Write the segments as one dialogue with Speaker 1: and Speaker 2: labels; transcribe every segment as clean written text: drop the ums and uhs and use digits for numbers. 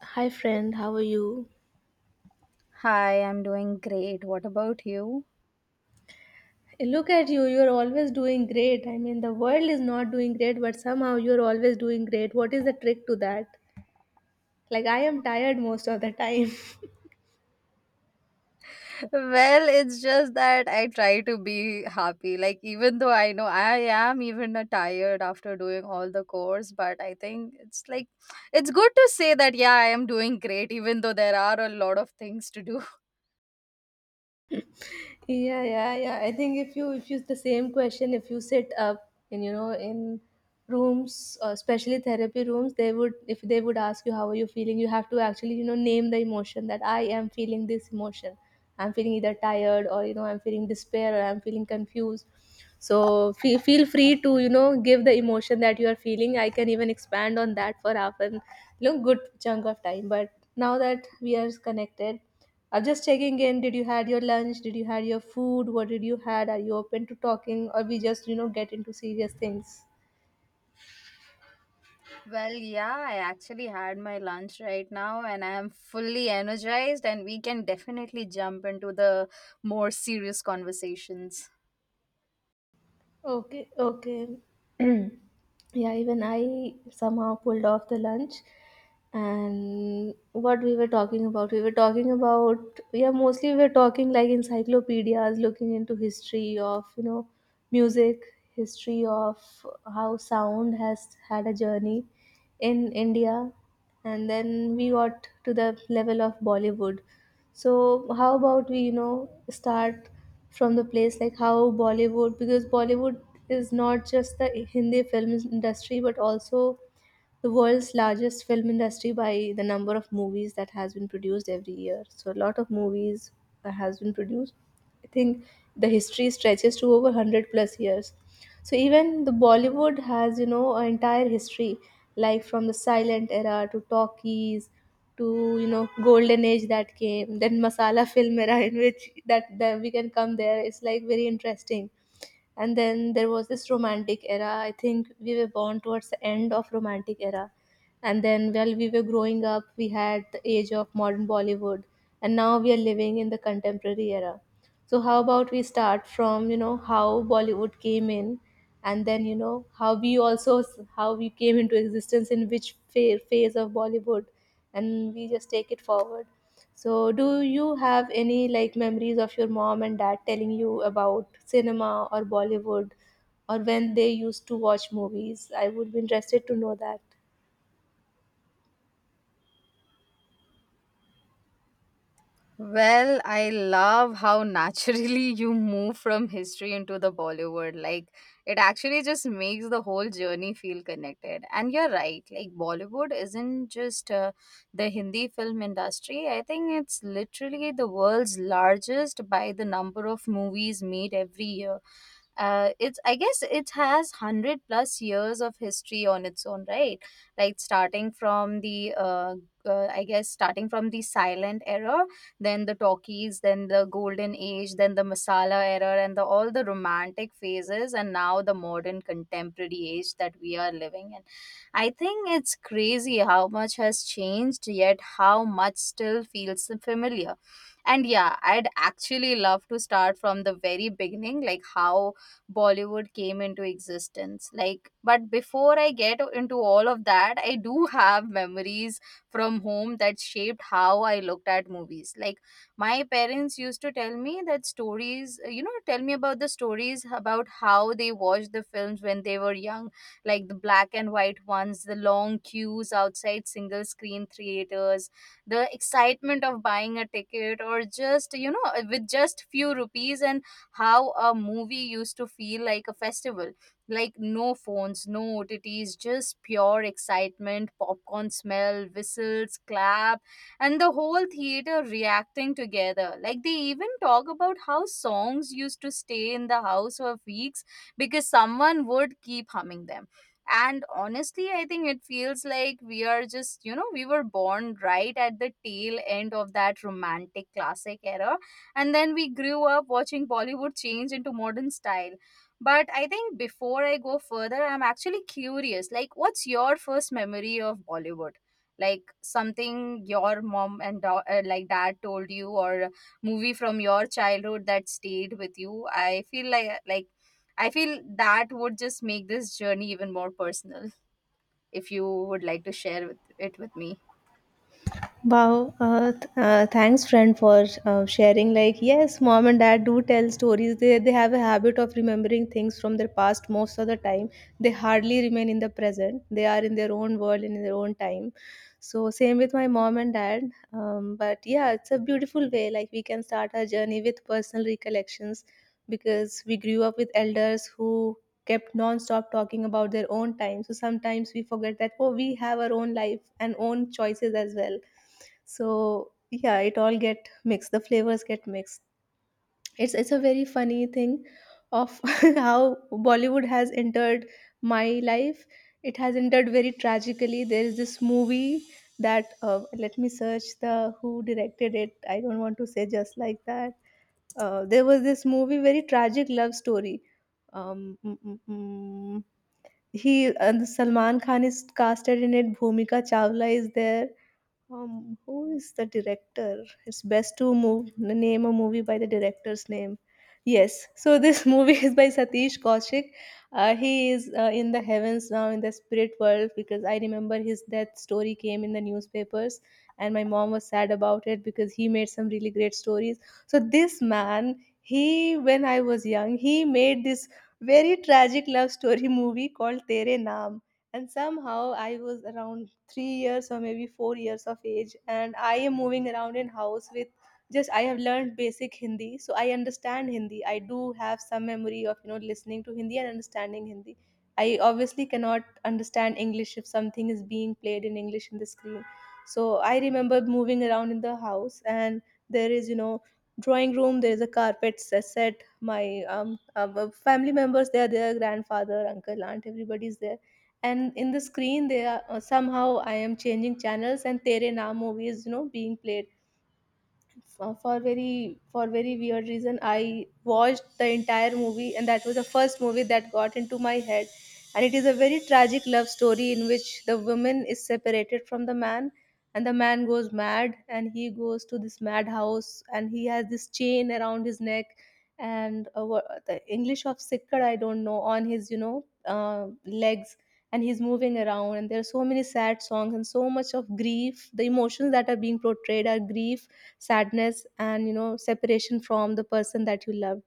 Speaker 1: Hi friend, how are you?
Speaker 2: Hi, I'm doing great. What about you?
Speaker 1: Eh, look at you, you're always doing great. I mean, the world is not doing great, but somehow you're always doing great. What is the trick to that? Like, I am tired most of the time.
Speaker 2: Well, it's just that I try to be happy. Like, even though I know I am even tired after doing all the course, but I think it's like, it's good to say that, yeah, I am doing great, even though there are a lot of things to do.
Speaker 1: Yeah, yeah, yeah, I think if you the same question, if you sit up in, in rooms, especially therapy rooms, they would, if they would ask you how are you feeling, you have to actually, name the emotion that I am feeling. This emotion, I'm feeling either tired, or I'm feeling despair, or I'm feeling confused. So feel free to, give the emotion that you are feeling. I can even expand on that for half an, good chunk of time. But now that we are connected, I'm just checking in. Did you had your lunch? Did you had your food? What did you had? Are you open to talking, or we just get into serious things?
Speaker 2: Well, yeah, I actually had my lunch right now and I am fully energized, and we can definitely jump into the more serious conversations.
Speaker 1: Okay, okay. Yeah, even I somehow pulled off the lunch. And what we were talking about, we were talking about, yeah, mostly we were talking like encyclopedias, looking into history of, music, history of how sound has had a journey in India. And then we got to the level of Bollywood. So how about we, you know, start from the place like how Bollywood, because Bollywood is not just the Hindi film industry, but also the world's largest film industry by the number of movies that has been produced every year. So a lot of movies has been produced. I think the history stretches to over 100 plus years. So even the Bollywood has, you know, an entire history, like from the silent era to talkies, to you know, golden age that came, then masala film era, in which that we can come there, it's like very interesting. And then there was this romantic era. I think we were born towards the end of romantic era. And then while we were growing up, we had the age of modern Bollywood. And now we are living in the contemporary era. So how about we start from, you know, how Bollywood came in, and then, you know, how we also, how we came into existence, in which phase of Bollywood, and we just take it forward. So do you have any, like, memories of your mom and dad telling you about cinema or Bollywood, or when they used to watch movies? I would be interested to know that.
Speaker 2: Well, I love how naturally you move from history into the Bollywood. Like, it actually just makes the whole journey feel connected. And you're right, like, Bollywood isn't just the Hindi film industry. I think it's literally the world's largest by the number of movies made every year. It's I guess it has 100 plus years of history on its own, right? Like starting from the I guess starting from the silent era, then the talkies, then the golden age, then the masala era, and the all the romantic phases, and now the modern contemporary age that we are living in. I think it's crazy how much has changed yet how much still feels familiar. And yeah, I'd actually love to start from the very beginning, like how Bollywood came into existence. Like, but before I get into all of that, I do have memories from home that shaped how I looked at movies. Like my parents used to tell me that stories, tell me about the stories about how they watched the films when they were young, like the black and white ones, the long queues outside single screen theaters, the excitement of buying a ticket or just, with just few rupees, and how a movie used to feel like a festival. Like no phones, no OTTs, just pure excitement, popcorn smell, whistles, clap, and the whole theater reacting together. Like they even talk about how songs used to stay in the house for weeks because someone would keep humming them. And honestly, I think it feels like we are just, we were born right at the tail end of that romantic classic era. And then we grew up watching Bollywood change into modern style. But I think before I go further, I'm actually curious. Like, what's your first memory of Bollywood? Like something your like dad told you, or a movie from your childhood that stayed with you. I feel like I feel that would just make this journey even more personal, if you would like to share with, it with me.
Speaker 1: Wow, thanks, friend, for sharing. Like, yes, mom and dad do tell stories. They have a habit of remembering things from their past most of the time. They hardly remain in the present. They are in their own world, in their own time. So same with my mom and dad. But yeah, it's a beautiful way. Like, we can start our journey with personal recollections, because we grew up with elders who kept non-stop talking about their own time. So sometimes we forget that, oh, we have our own life and own choices as well. So yeah, it all get mixed, the flavors get mixed. It's a very funny thing of how Bollywood has entered my life. It has entered very tragically. There is this movie that, let me search the who directed it. I don't want to say just like that. There was this movie, very tragic love story. um, mm, mm, mm. He and Salman Khan is casted in it. Bhumika Chawla is there. Who is the director? It's best to move name a movie by the director's name. Yes, so this movie is by Satish Kaushik. He is in the heavens now, in the spirit world, because I remember his death story came in the newspapers, and my mom was sad about it because he made some really great stories. So this man, he, when I was young, he made this very tragic love story movie called Tere Naam. And somehow I was around 3 years, or maybe 4 years of age, and I am moving around in house with, just, I have learned basic Hindi, so I understand Hindi. I do have some memory of, you know, listening to Hindi and understanding Hindi. I obviously cannot understand English if something is being played in English in the screen. So I remember moving around in the house, and there is, you know, drawing room, there is a carpet set. My family members, they are there, grandfather, uncle, aunt, everybody is there. And in the screen they are, somehow I am changing channels and Tere Naam movie is, you know, being played. For very, for very weird reason, I watched the entire movie, and that was the first movie that got into my head. And it is a very tragic love story in which the woman is separated from the man, and the man goes mad, and he goes to this madhouse, and he has this chain around his neck, and, the English of sikkad I don't know, on his, you know, uh, legs, and he's moving around, and there are so many sad songs and so much of grief. The emotions that are being portrayed are grief, sadness, and, you know, separation from the person that you loved.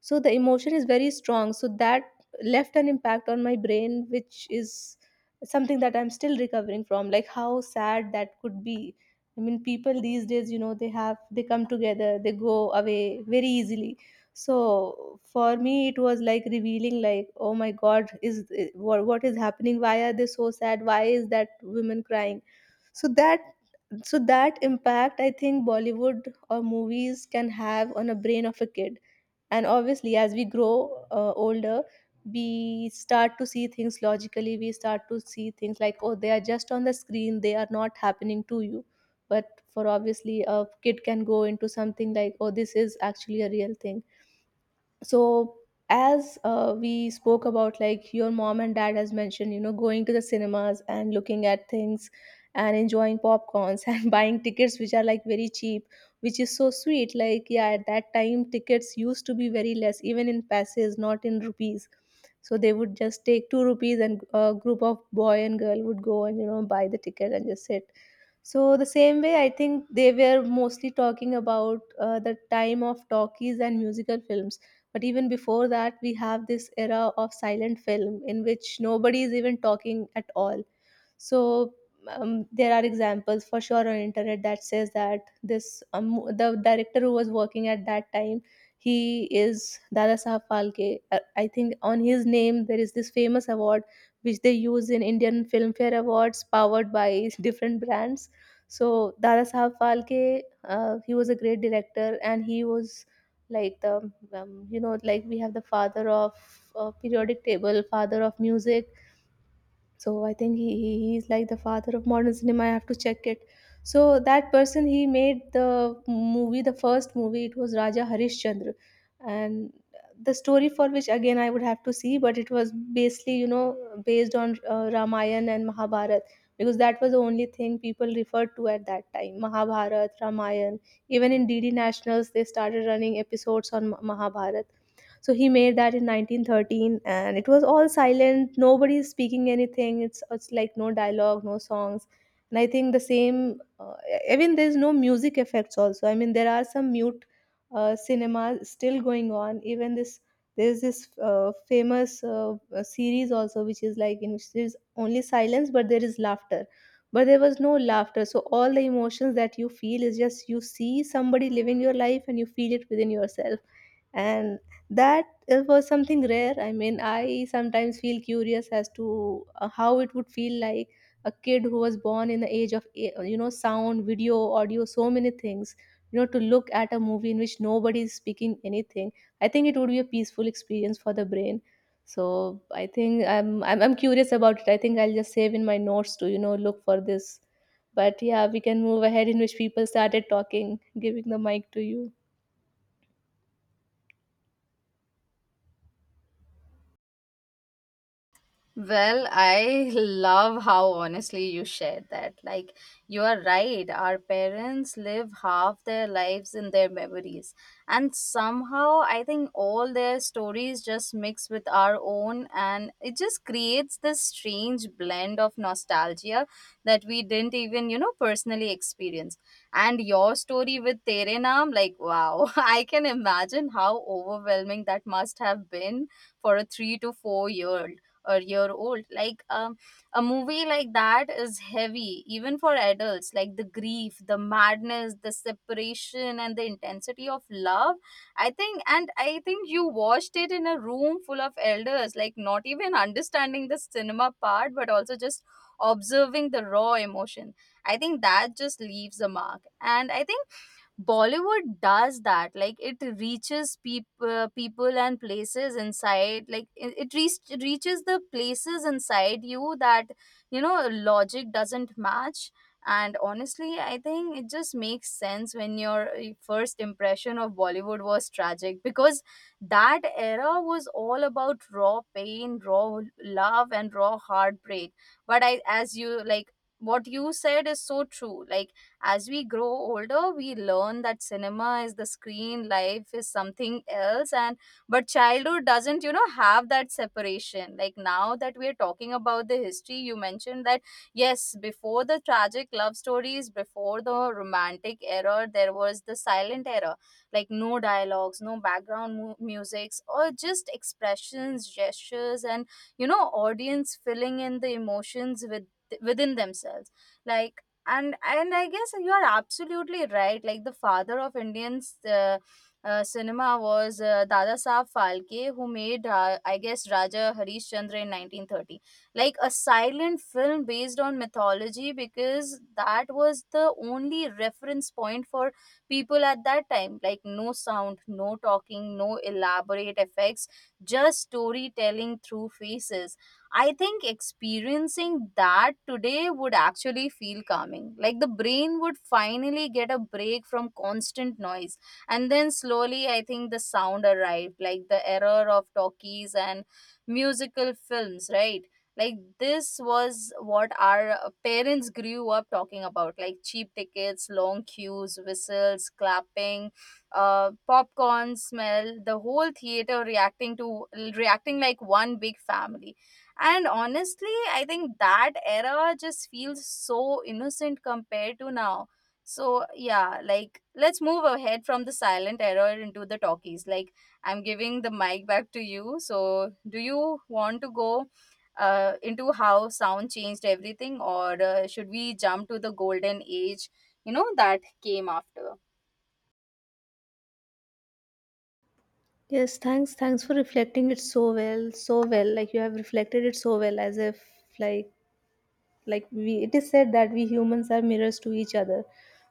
Speaker 1: So the emotion is very strong, so that left an impact on my brain, which is something that I'm still recovering from, like, how sad that could be. I mean, people these days, you know, they have, they come together, they go away very easily. So for me it was like revealing, like, oh my god, is what is happening, why are they so sad, why is that woman crying? So that impact, I think, Bollywood or movies can have on a brain of a kid. And obviously as we grow older, we start to see things logically. We start to see things like, oh, they are just on the screen, they are not happening to you. But for obviously a kid can go into something like, oh, this is actually a real thing. So as we spoke about, like, your mom and dad has mentioned, you know, going to the cinemas and looking at things and enjoying popcorns and buying tickets which are like very cheap, which is so sweet. Like, yeah, at that time tickets used to be very less, even in passes, not in rupees. So they would just take 2 rupees, and a group of boy and girl would go and, you know, buy the ticket and just sit. So the same way, I think they were mostly talking about the time of talkies and musical films. But even before that, we have this era of silent film in which nobody is even talking at all. So, there are examples for sure on internet that says that this, the director who was working at that time, he is Dada Sahab Phalke. I think on his name there is this famous award which they use in Indian Filmfare Awards, powered by different brands. So Dada Sahab Phalke, he was a great director, and he was like the, you know, like we have the father of periodic table, father of music, so I think he's like the father of modern cinema. I have to check it. So that person, he made the movie, the first movie. It was Raja Harishchandra, and the story for which again I would have to see, but it was basically, you know, based on Ramayana and Mahabharat, because that was the only thing people referred to at that time. Mahabharat, Ramayana. Even in DD Nationals, they started running episodes on Mahabharata. So he made that in 1913, and it was all silent, nobody is speaking anything. It's like no dialogue, no songs. And I think the same. Even there's no music effects also. I mean, there are some mute cinema still going on even this. There's this famous series also, which is like in which there's only silence, but there is laughter. But there was no laughter, so all the emotions that you feel is just you see somebody living your life and you feel it within yourself. And that, it was something rare. I mean, I sometimes feel curious as to how it would feel like, a kid who was born in the age of you know, sound, video, audio, so many things, you know, to look at a movie in which nobody is speaking anything. I think it would be a peaceful experience for the brain. So I think I'm curious about it. I think I'll just save in my notes to, you know, look for this. But yeah, we can move ahead in which people started talking, giving the mic to you.
Speaker 2: Well, I love how honestly you shared that. Like, you are right. Our parents live half their lives in their memories. And somehow, I think all their stories just mix with our own, and it just creates this strange blend of nostalgia that we didn't even, personally experience. And your story with Tere Naam, like, wow, I can imagine how overwhelming that must have been for a 3 to 4 year or year old. Like a movie like that is heavy even for adults, like the grief, the madness, the separation, and the intensity of love. I think, and I think you watched it in a room full of elders, like not even understanding the cinema part but also just observing the raw emotion. I think that just leaves a mark. And I think Bollywood does that. Like it reaches people, people and places inside. Like reaches the places inside you that, you know, logic doesn't match. And honestly, I think it just makes sense when your first impression of Bollywood was tragic, because that era was all about raw pain, raw love, and raw heartbreak. But I, as you like, what you said is so true. Like as we grow older, we learn that cinema is the screen, life is something else, and but childhood doesn't, you know, have that separation. Like now that we're talking about the history, you mentioned that yes, before the tragic love stories, before the romantic era, there was the silent era. Like no dialogues, no background musics, or just expressions, gestures, and, you know, audience filling in the emotions with within themselves. Like, and I guess you are absolutely right, like the father of Indian uh, cinema was, Dada Saab Phalke, who made, I guess, Raja Harishchandra in 1930, like a silent film based on mythology, because that was the only reference point for people at that time. Like no sound, no talking, no elaborate effects, just storytelling through faces. I think experiencing that today would actually feel calming. Like the brain would finally get a break from constant noise. And then slowly, I think the sound arrived, like the error of talkies and musical films, right? Like this was what our parents grew up talking about, like cheap tickets, long queues, whistles, clapping, popcorn smell, the whole theater reacting like one big family. And honestly, I think that era just feels so innocent compared to now. So, yeah, like let's move ahead from the silent era into the talkies. Like, I'm giving the mic back to you. So, do you want to go into how sound changed everything, or should we jump to the golden age, you know, that came after?
Speaker 1: Yes, thanks. Thanks for reflecting it so well, so well. Like you have reflected it so well, as if, like, like we, it is said that we humans are mirrors to each other.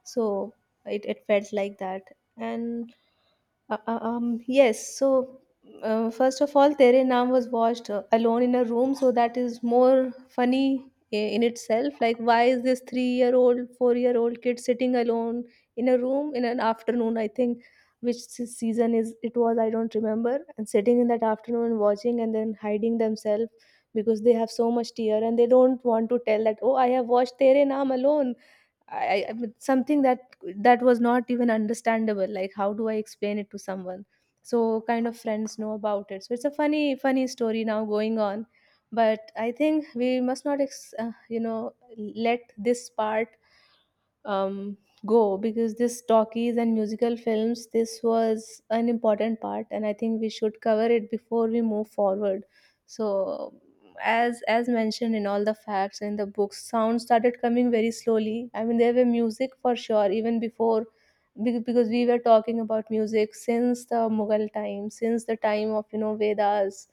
Speaker 1: So it felt like that. And yes. So first of all, tere naam was watched alone in a room, so that is more funny in itself. Like, why is this 3-year-old 4-year-old kid sitting alone in a room in an afternoon? I think, season is it, was, I don't remember, and sitting in that afternoon watching and then hiding themselves because they have so much tear, and they don't want to tell that, oh, I have watched tere naam alone. I something that, that was not even understandable. Like, how do I explain it to someone? So kind of friends know about it, so it's a funny story now going on. But I think we must not you know, let this part, um, go, because this talkies and musical films, this was an important part, and I think we should cover it before we move forward. So as mentioned in all the facts in the books, sound started coming very slowly. I mean, there were music for sure even before, because we were talking about music since the mughal time, since the time of, you know, vedas.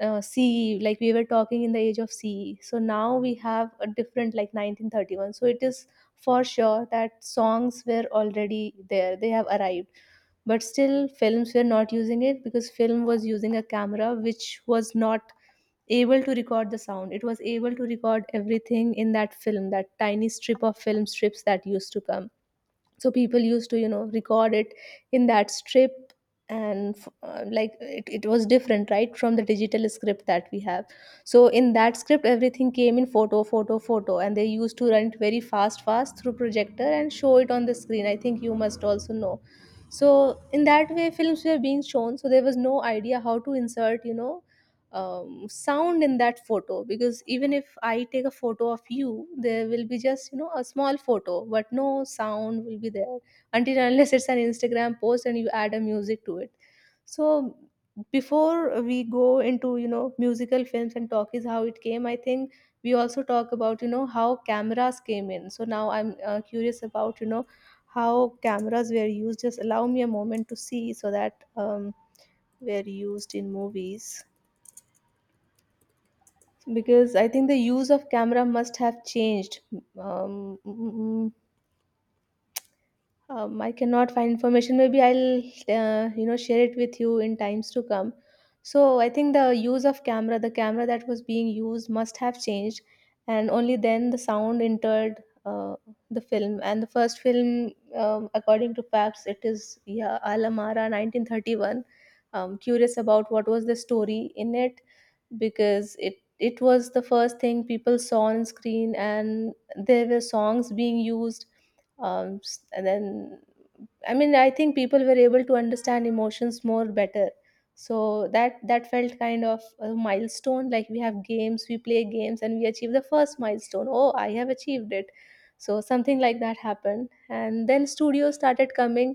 Speaker 1: CE, like we were talking in the age of CE. So now we have a different, like 1931. So it is for sure that songs were already there, they have arrived. But still films were not using it, because film was using a camera which was not able to record the sound. It was able to record everything in that film, that tiny strip of film strips that used to come. So people used to, you know, record it in that strip. And like it was different right from the digital script that we have. So in that script everything came in photo, photo, photo, and they used to run it very fast through projector and show it on the screen. I think you must also know. So in that way films were being shown, so there was no idea how to insert, you know, sound in that photo, because even if I take a photo of you, there will be just, you know, a small photo, but no sound will be there, until and unless it's an instagram post and you add a music to it. So before we go into, you know, musical films and talk is how it came, I think we also talk about, you know, how cameras came in. So now I'm curious about, you know, how cameras were used. Just allow me a moment to see so that were used in movies, because I think the use of camera must have changed. um, mm, mm, I cannot find information. Maybe I'll, you know, share it with you in times to come. So I think the use of camera, the camera that was being used, must have changed, and only then the sound entered the film. And the first film, according to facts, it is yeah, Alamara, 1931. Curious about what was the story in it, because it was the first thing people saw on screen, and there were songs being used. And then, I mean, I think people were able to understand emotions more better. So that felt kind of a milestone. Like we have games, we play games, and we achieve the first milestone. Oh, I have achieved it. So something like that happened, and then studios started coming.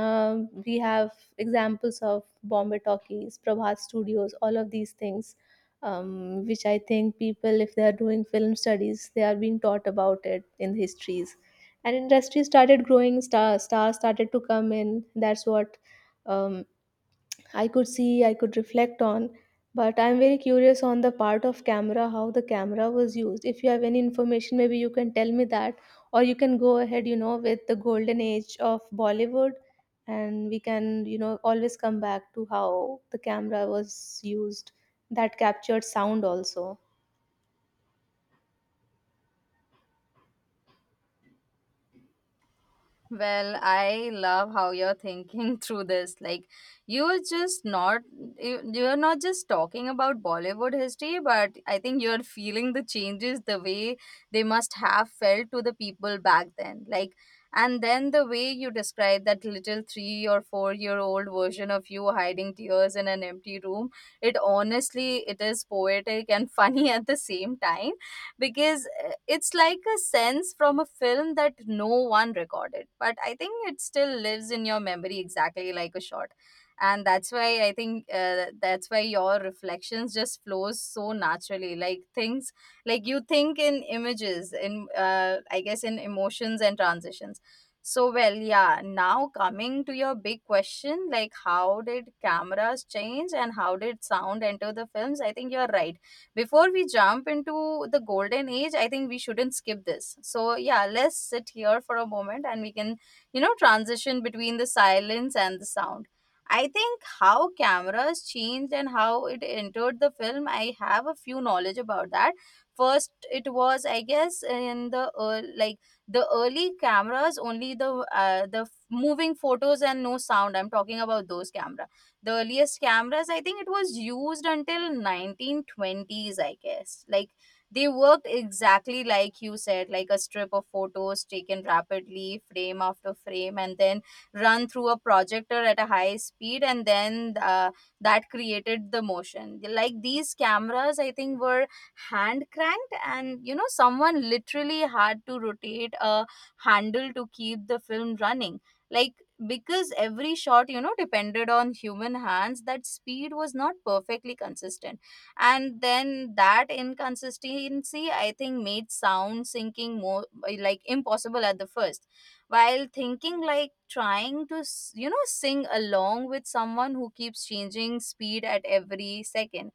Speaker 1: We have examples of Bombay Talkies, Prabhat Studios, all of these things, which I think people, if they are doing film studies, they are being taught about it in histories. And industry started growing, stars started to come in. That's what, um, I could see, I could reflect on. But I'm very curious on the part of camera, how the camera was used. If you have any information, maybe you can tell me that, or you can go ahead, you know, with the golden age of bollywood, and we can, you know, always come back to how the camera was used, that captured sound also.
Speaker 2: Well, I love how you're thinking through this. Like, you're just not, you're not just talking about Bollywood history, but I think you're feeling the changes the way they must have felt to the people back then. Like, and then the way you describe that little 3 or 4 year old version of you hiding tears in an empty room, it honestly, it is poetic and funny at the same time, because it's like a sense from a film that no one recorded, but I think it still lives in your memory exactly like a shot. And that's why I think, that's why your reflections just flows so naturally. Like things, like you think in images, in, I guess in emotions and transitions. So well, yeah, now coming to your big question, like how did cameras change and how did sound enter the films. I think you're right, before we jump into the golden age, I think we shouldn't skip this. So, yeah, let's sit here for a moment and we can, you know, transition between the silence and the sound. I think how cameras changed and how it entered the film, I have a few knowledge about that. First, it was, I guess, in the earl like the early cameras, only the moving photos and no sound. I'm talking about those cameras, the earliest cameras. I think it was used until 1920s, I guess. Like they worked exactly like you said, like a strip of photos taken rapidly frame after frame, and then run through a projector at a high speed, and then that created the motion. Like these cameras, I think, were hand cranked, and, you know, someone literally had to rotate a handle to keep the film running. Like, because every shot, you know, depended on human hands, that speed was not perfectly consistent. And then that inconsistency, I think, made sound syncing more like impossible at the first. While thinking, like trying to you know, sing along with someone who keeps changing speed at every second.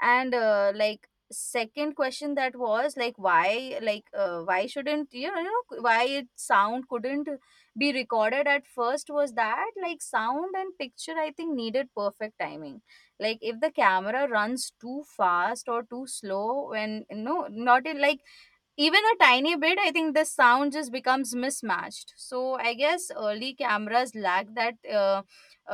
Speaker 2: And like second question that was like why, why shouldn't, you know, you know, why it sound couldn't be recorded at first, was that like sound and picture, I think, needed perfect timing. Like if the camera runs too fast or too slow, when no not in like even a tiny bit, I think the sound just becomes mismatched. So I guess early cameras lack that uh,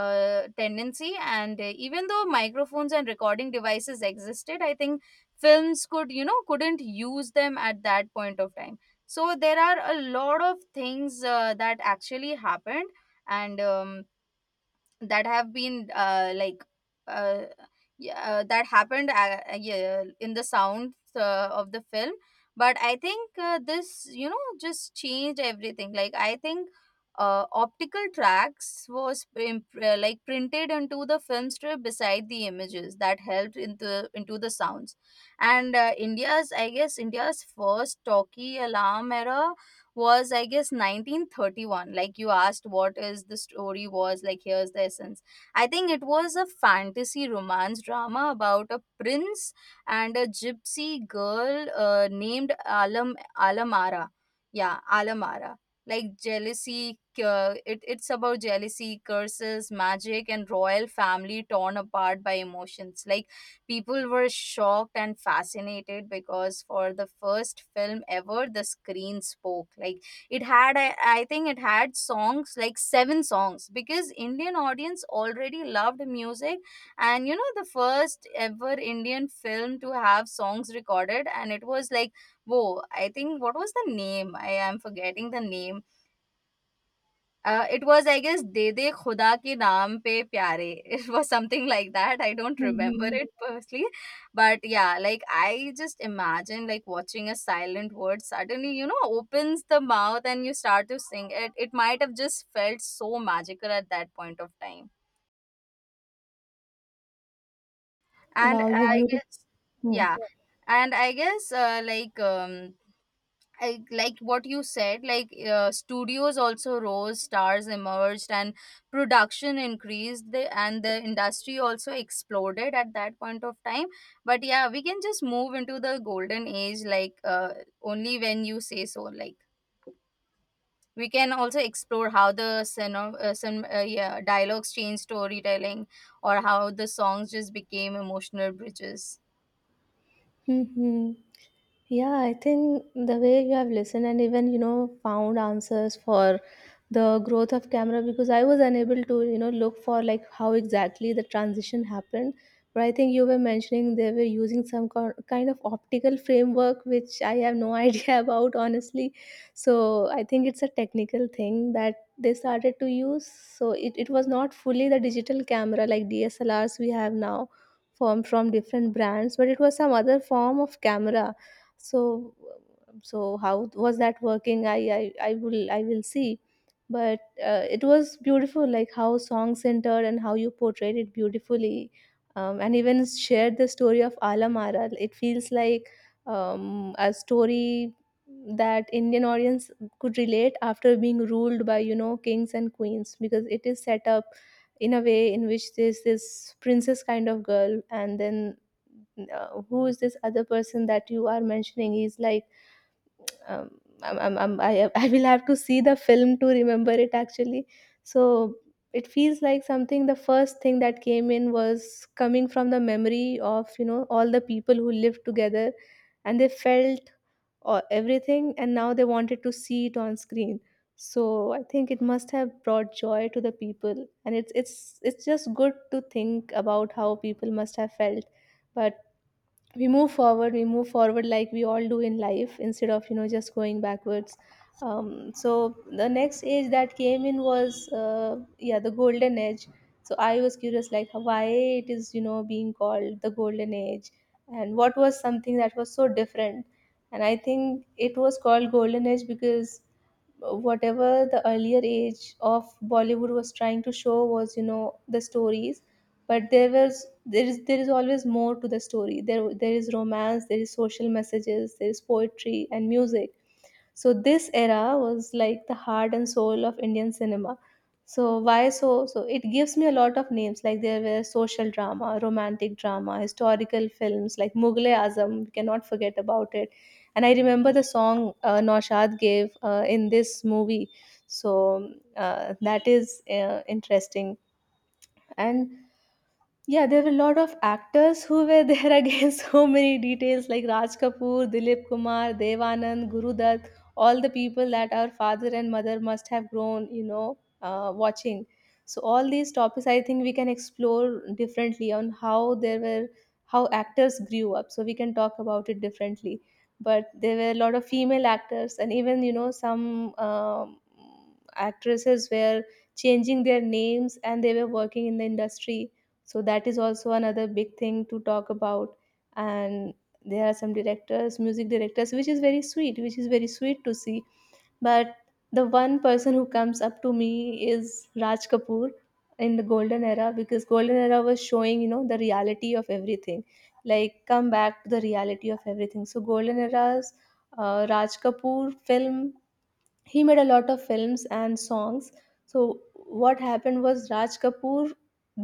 Speaker 2: tendency. And even though microphones and recording devices existed, I think films could, you know, couldn't use them at that point of time. So there are a lot of things that actually happened. And that have been like uh, yeah, that happened, yeah, in the sound of the film. But I think, this, you know, just changed everything. Like I think optical tracks was like printed into the film strip beside the images, that helped into the sounds. And india's I guess India's first talkie, Alarm Era, was, I guess, 1931. Like you asked what is the story was, like here's the essence. I think it was a fantasy romance drama about a prince and a gypsy girl, named Alamara. Yeah, Alamara. Like jealousy, it's about jealousy, curses, magic, and royal family torn apart by emotions. Like people were shocked and fascinated, because for the first film ever, the screen spoke. Like it had I think it had songs, like seven songs, because Indian audience already loved music. And, you know, the first ever Indian film to have songs recorded. And it was like, whoa, I think what was the name, I am forgetting the name. It was, I guess, "दे दे खुदा के नाम पे प्यारे." It was something like that. I don't remember
Speaker 1: Mhm.
Speaker 2: it personally, but yeah, like I just imagine like watching a silent word suddenly, you know, opens the mouth and you start to sing it. It might have just felt so magical at that point of time. And
Speaker 1: Wow, you
Speaker 2: I
Speaker 1: beautiful.
Speaker 2: guess, yeah, and I guess, I, like what you said, like, studios also rose, stars emerged, and production increased, and the industry also exploded at that point of time. But yeah, we can just move into the golden age, like, only when you say so. Like we can also explore how the yeah, dialogues changed storytelling, or how the songs just became emotional bridges.
Speaker 1: Mhm. Yeah, I think the way you have listened and even, you know, found answers for the growth of camera, because I was unable to, you know, look for like how exactly the transition happened. But I think you were mentioning they were using some kind of optical framework, which I have no idea about, honestly. So I think it's a technical thing that they started to use. So it was not fully the digital camera like DSLRs we have now, form from different brands, but it was some other form of camera. So, so how was that working? I will, I will see. But it was beautiful, like how song centered and how you portrayed it beautifully. And even shared the story of alamara. It feels like a story that indian audience could relate after being ruled by, you know, kings and queens, because it is set up in a way in which there's this princess kind of girl, and then who is this other person that you are mentioning, he's like um, I I will have to see the film to remember it actually. So it feels like something, the first thing that came in was coming from the memory of, you know, all the people who lived together, and they felt everything, and now they wanted to see it on screen. So I think it must have brought joy to the people, and it's just good to think about how people must have felt. But we move forward like we all do in life, instead of, you know, just going backwards. So the next age that came in was yeah, the golden age. So I was curious like why it is, you know, being called the golden age, and what was something that was so different. And I think it was called golden age because whatever the earlier age of bollywood was trying to show was, you know, the stories. But there was, there is always more to the story. There is romance, there is social messages, there is poetry and music. So this era was like the heart and soul of indian cinema. So why? So, so it gives me a lot of names. Like there were social drama, romantic drama, historical films like mughal azam, we cannot forget about it. And I remember the song naushad gave in this movie. So that is interesting. And yeah, there were a lot of actors who were there again. So many details, like Raj Kapoor, Dilip Kumar, Devanand, Guru Dutt, all the people that our father and mother must have grown, you know, watching. So all these topics, I think we can explore differently on how there were, how actors grew up. So we can talk about it differently. But there were a lot of female actors, and even some actresses were changing their names and they were working in the industry, so that is also another big thing to talk about. And there are some directors, music directors, which is very sweet, which is very sweet to see. But the one person who comes up to me is Raj Kapoor in the golden era, because golden era was showing, the reality of everything, like come back to the reality of everything. So golden era's Raj Kapoor film, he made a lot of films and songs. So what happened was, Raj Kapoor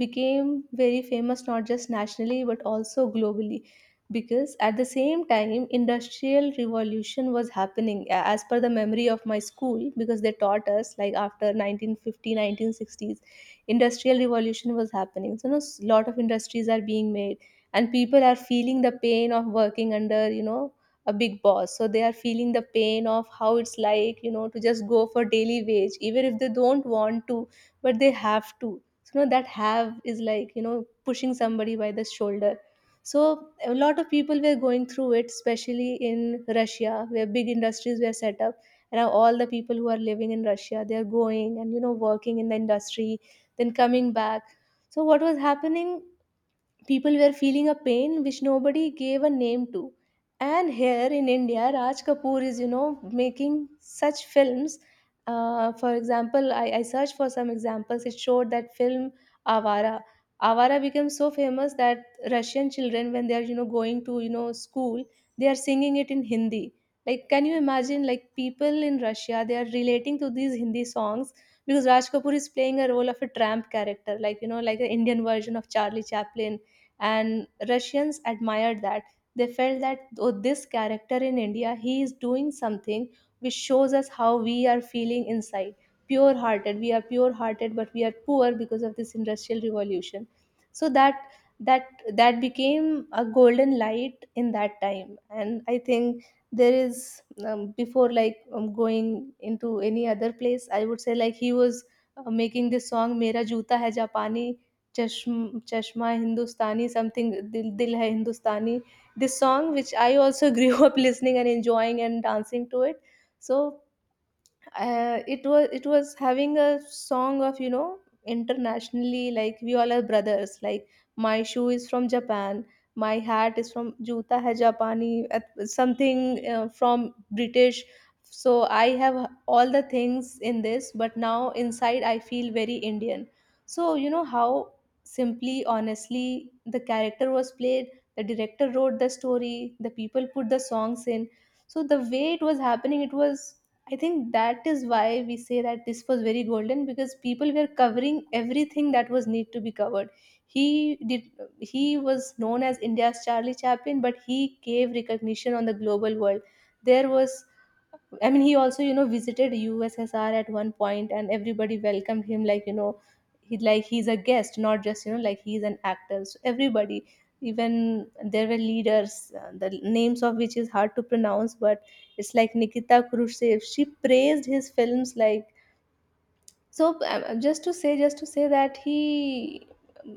Speaker 1: became very famous, not just nationally but also globally, because at the same time industrial revolution was happening. As per the memory of my school, because they taught us like after 1950 1960s industrial revolution was happening. So a lot of industries are being made, and people are feeling the pain of working under, a big boss. So they are feeling the pain of how it's like, to just go for daily wage even if they don't want to, but they have to. So that have is like, pushing somebody by the shoulder. So a lot of people were going through it, especially in Russia, where big industries were set up. And now all the people who are living in Russia, they are going and working in the industry, then coming back. So what was happening, people were feeling a pain which nobody gave a name to. And here in India, Raj Kapoor is, making such films. For example, I searched for some examples. It showed that film Avara. Avara became so famous that Russian children, when they are, going to, school, they are singing it in Hindi. Like, can you imagine, like, people in Russia, they are relating to these Hindi songs, because Raj Kapoor is playing a role of a tramp character, like, like an Indian version of Charlie Chaplin. And Russians admired that. They felt that, oh, this character in India, he is doing something which shows us how we are feeling inside. Pure hearted, we are pure hearted, but we are poor because of this industrial revolution. So that became a golden light in that time. And I think there is, before like going into any other place, I would say like he was making this song, mera juta hai japani, चश्म चश्मा हिंदुस्तानी something दिल दिल है Hindustani this song which I also grew up listening and enjoying and dancing to it so it was having a song of, internationally, like we all are brothers, like my shoe is from Japan, my hat is from juta hai japani, something from British. So I have all the things in this, but now inside I feel very Indian. So you know how, simply, honestly, the character was played, the director wrote the story, the people put the songs in. So the way it was happening, it was, I think that is why we say that this was very golden, because people were covering everything that was need to be covered. He did. He was known as India's Charlie Chaplin, but he gave recognition on the global world. There was, I mean, he also visited USSR at one point, and everybody welcomed him like, he like he's a guest, not just like he's an actor. So everybody, even, there were leaders, the names of which is hard to pronounce, but it's like Nikita Khrushchev. She praised his films. Like, so just to say that he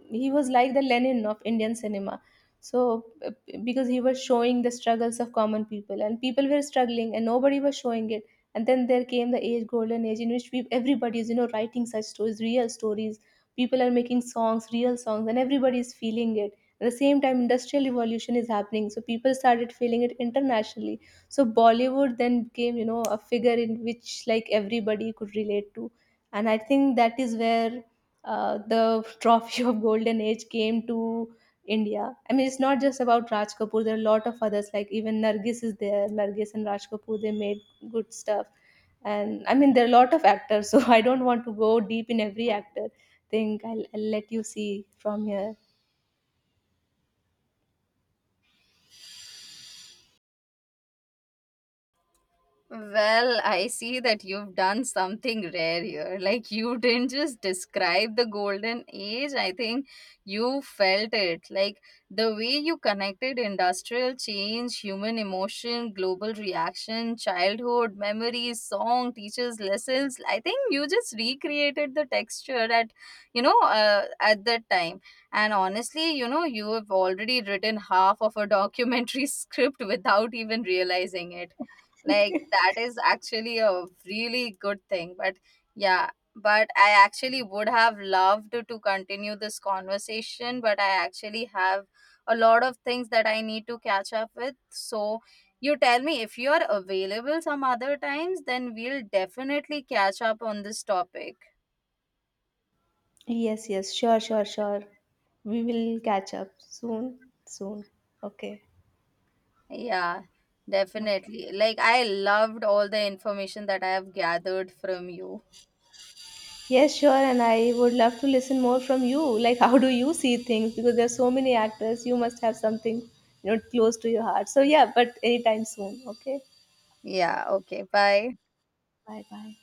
Speaker 1: he was like the Lenin of Indian cinema. So because he was showing the struggles of common people, and people were struggling, and nobody was showing it. And then there came the age, golden age, in which we, everybody is writing such stories, real stories. People are making songs, real songs, and everybody is feeling it. At the same time, industrial revolution is happening, so people started feeling it internationally. So Bollywood then became a figure in which like everybody could relate to. And I think that is where the trophy of golden age came to India. I mean, it's not just about Raj Kapoor, there are a lot of others, like even Nargis is there, Nargis and Raj Kapoor, they made good stuff. And I mean there are a lot of actors so I don't want to go deep in every actor thing. I'll let you see from here.
Speaker 2: Well, I see that you've done something rare here. Like, you didn't just describe the golden age, I think you felt it. Like, the way you connected industrial change, human emotion, global reaction, childhood, memories, song, teachers, lessons. I think you just recreated the texture at, you know, at that time. And honestly, you know, you have already written half of a documentary script without even realizing it. Like that is actually a really good thing. But yeah, but I actually would have loved to continue this conversation, but I actually have a lot of things that I need to catch up with. So you tell me if you are available some other times, then we'll definitely catch up on this topic.
Speaker 1: Yes, yes, sure, sure, sure, we will catch up soon, soon. Okay.
Speaker 2: Yeah,
Speaker 1: Okay.
Speaker 2: definitely, like I loved all the information that I have gathered from you.
Speaker 1: Yes, sure, and I would love to listen more from you. Like, how do you see things? Because there's so many actors, you must have something, you know, close to your heart. So yeah, but anytime soon. Okay,
Speaker 2: Yeah, okay, bye.
Speaker 1: bye bye.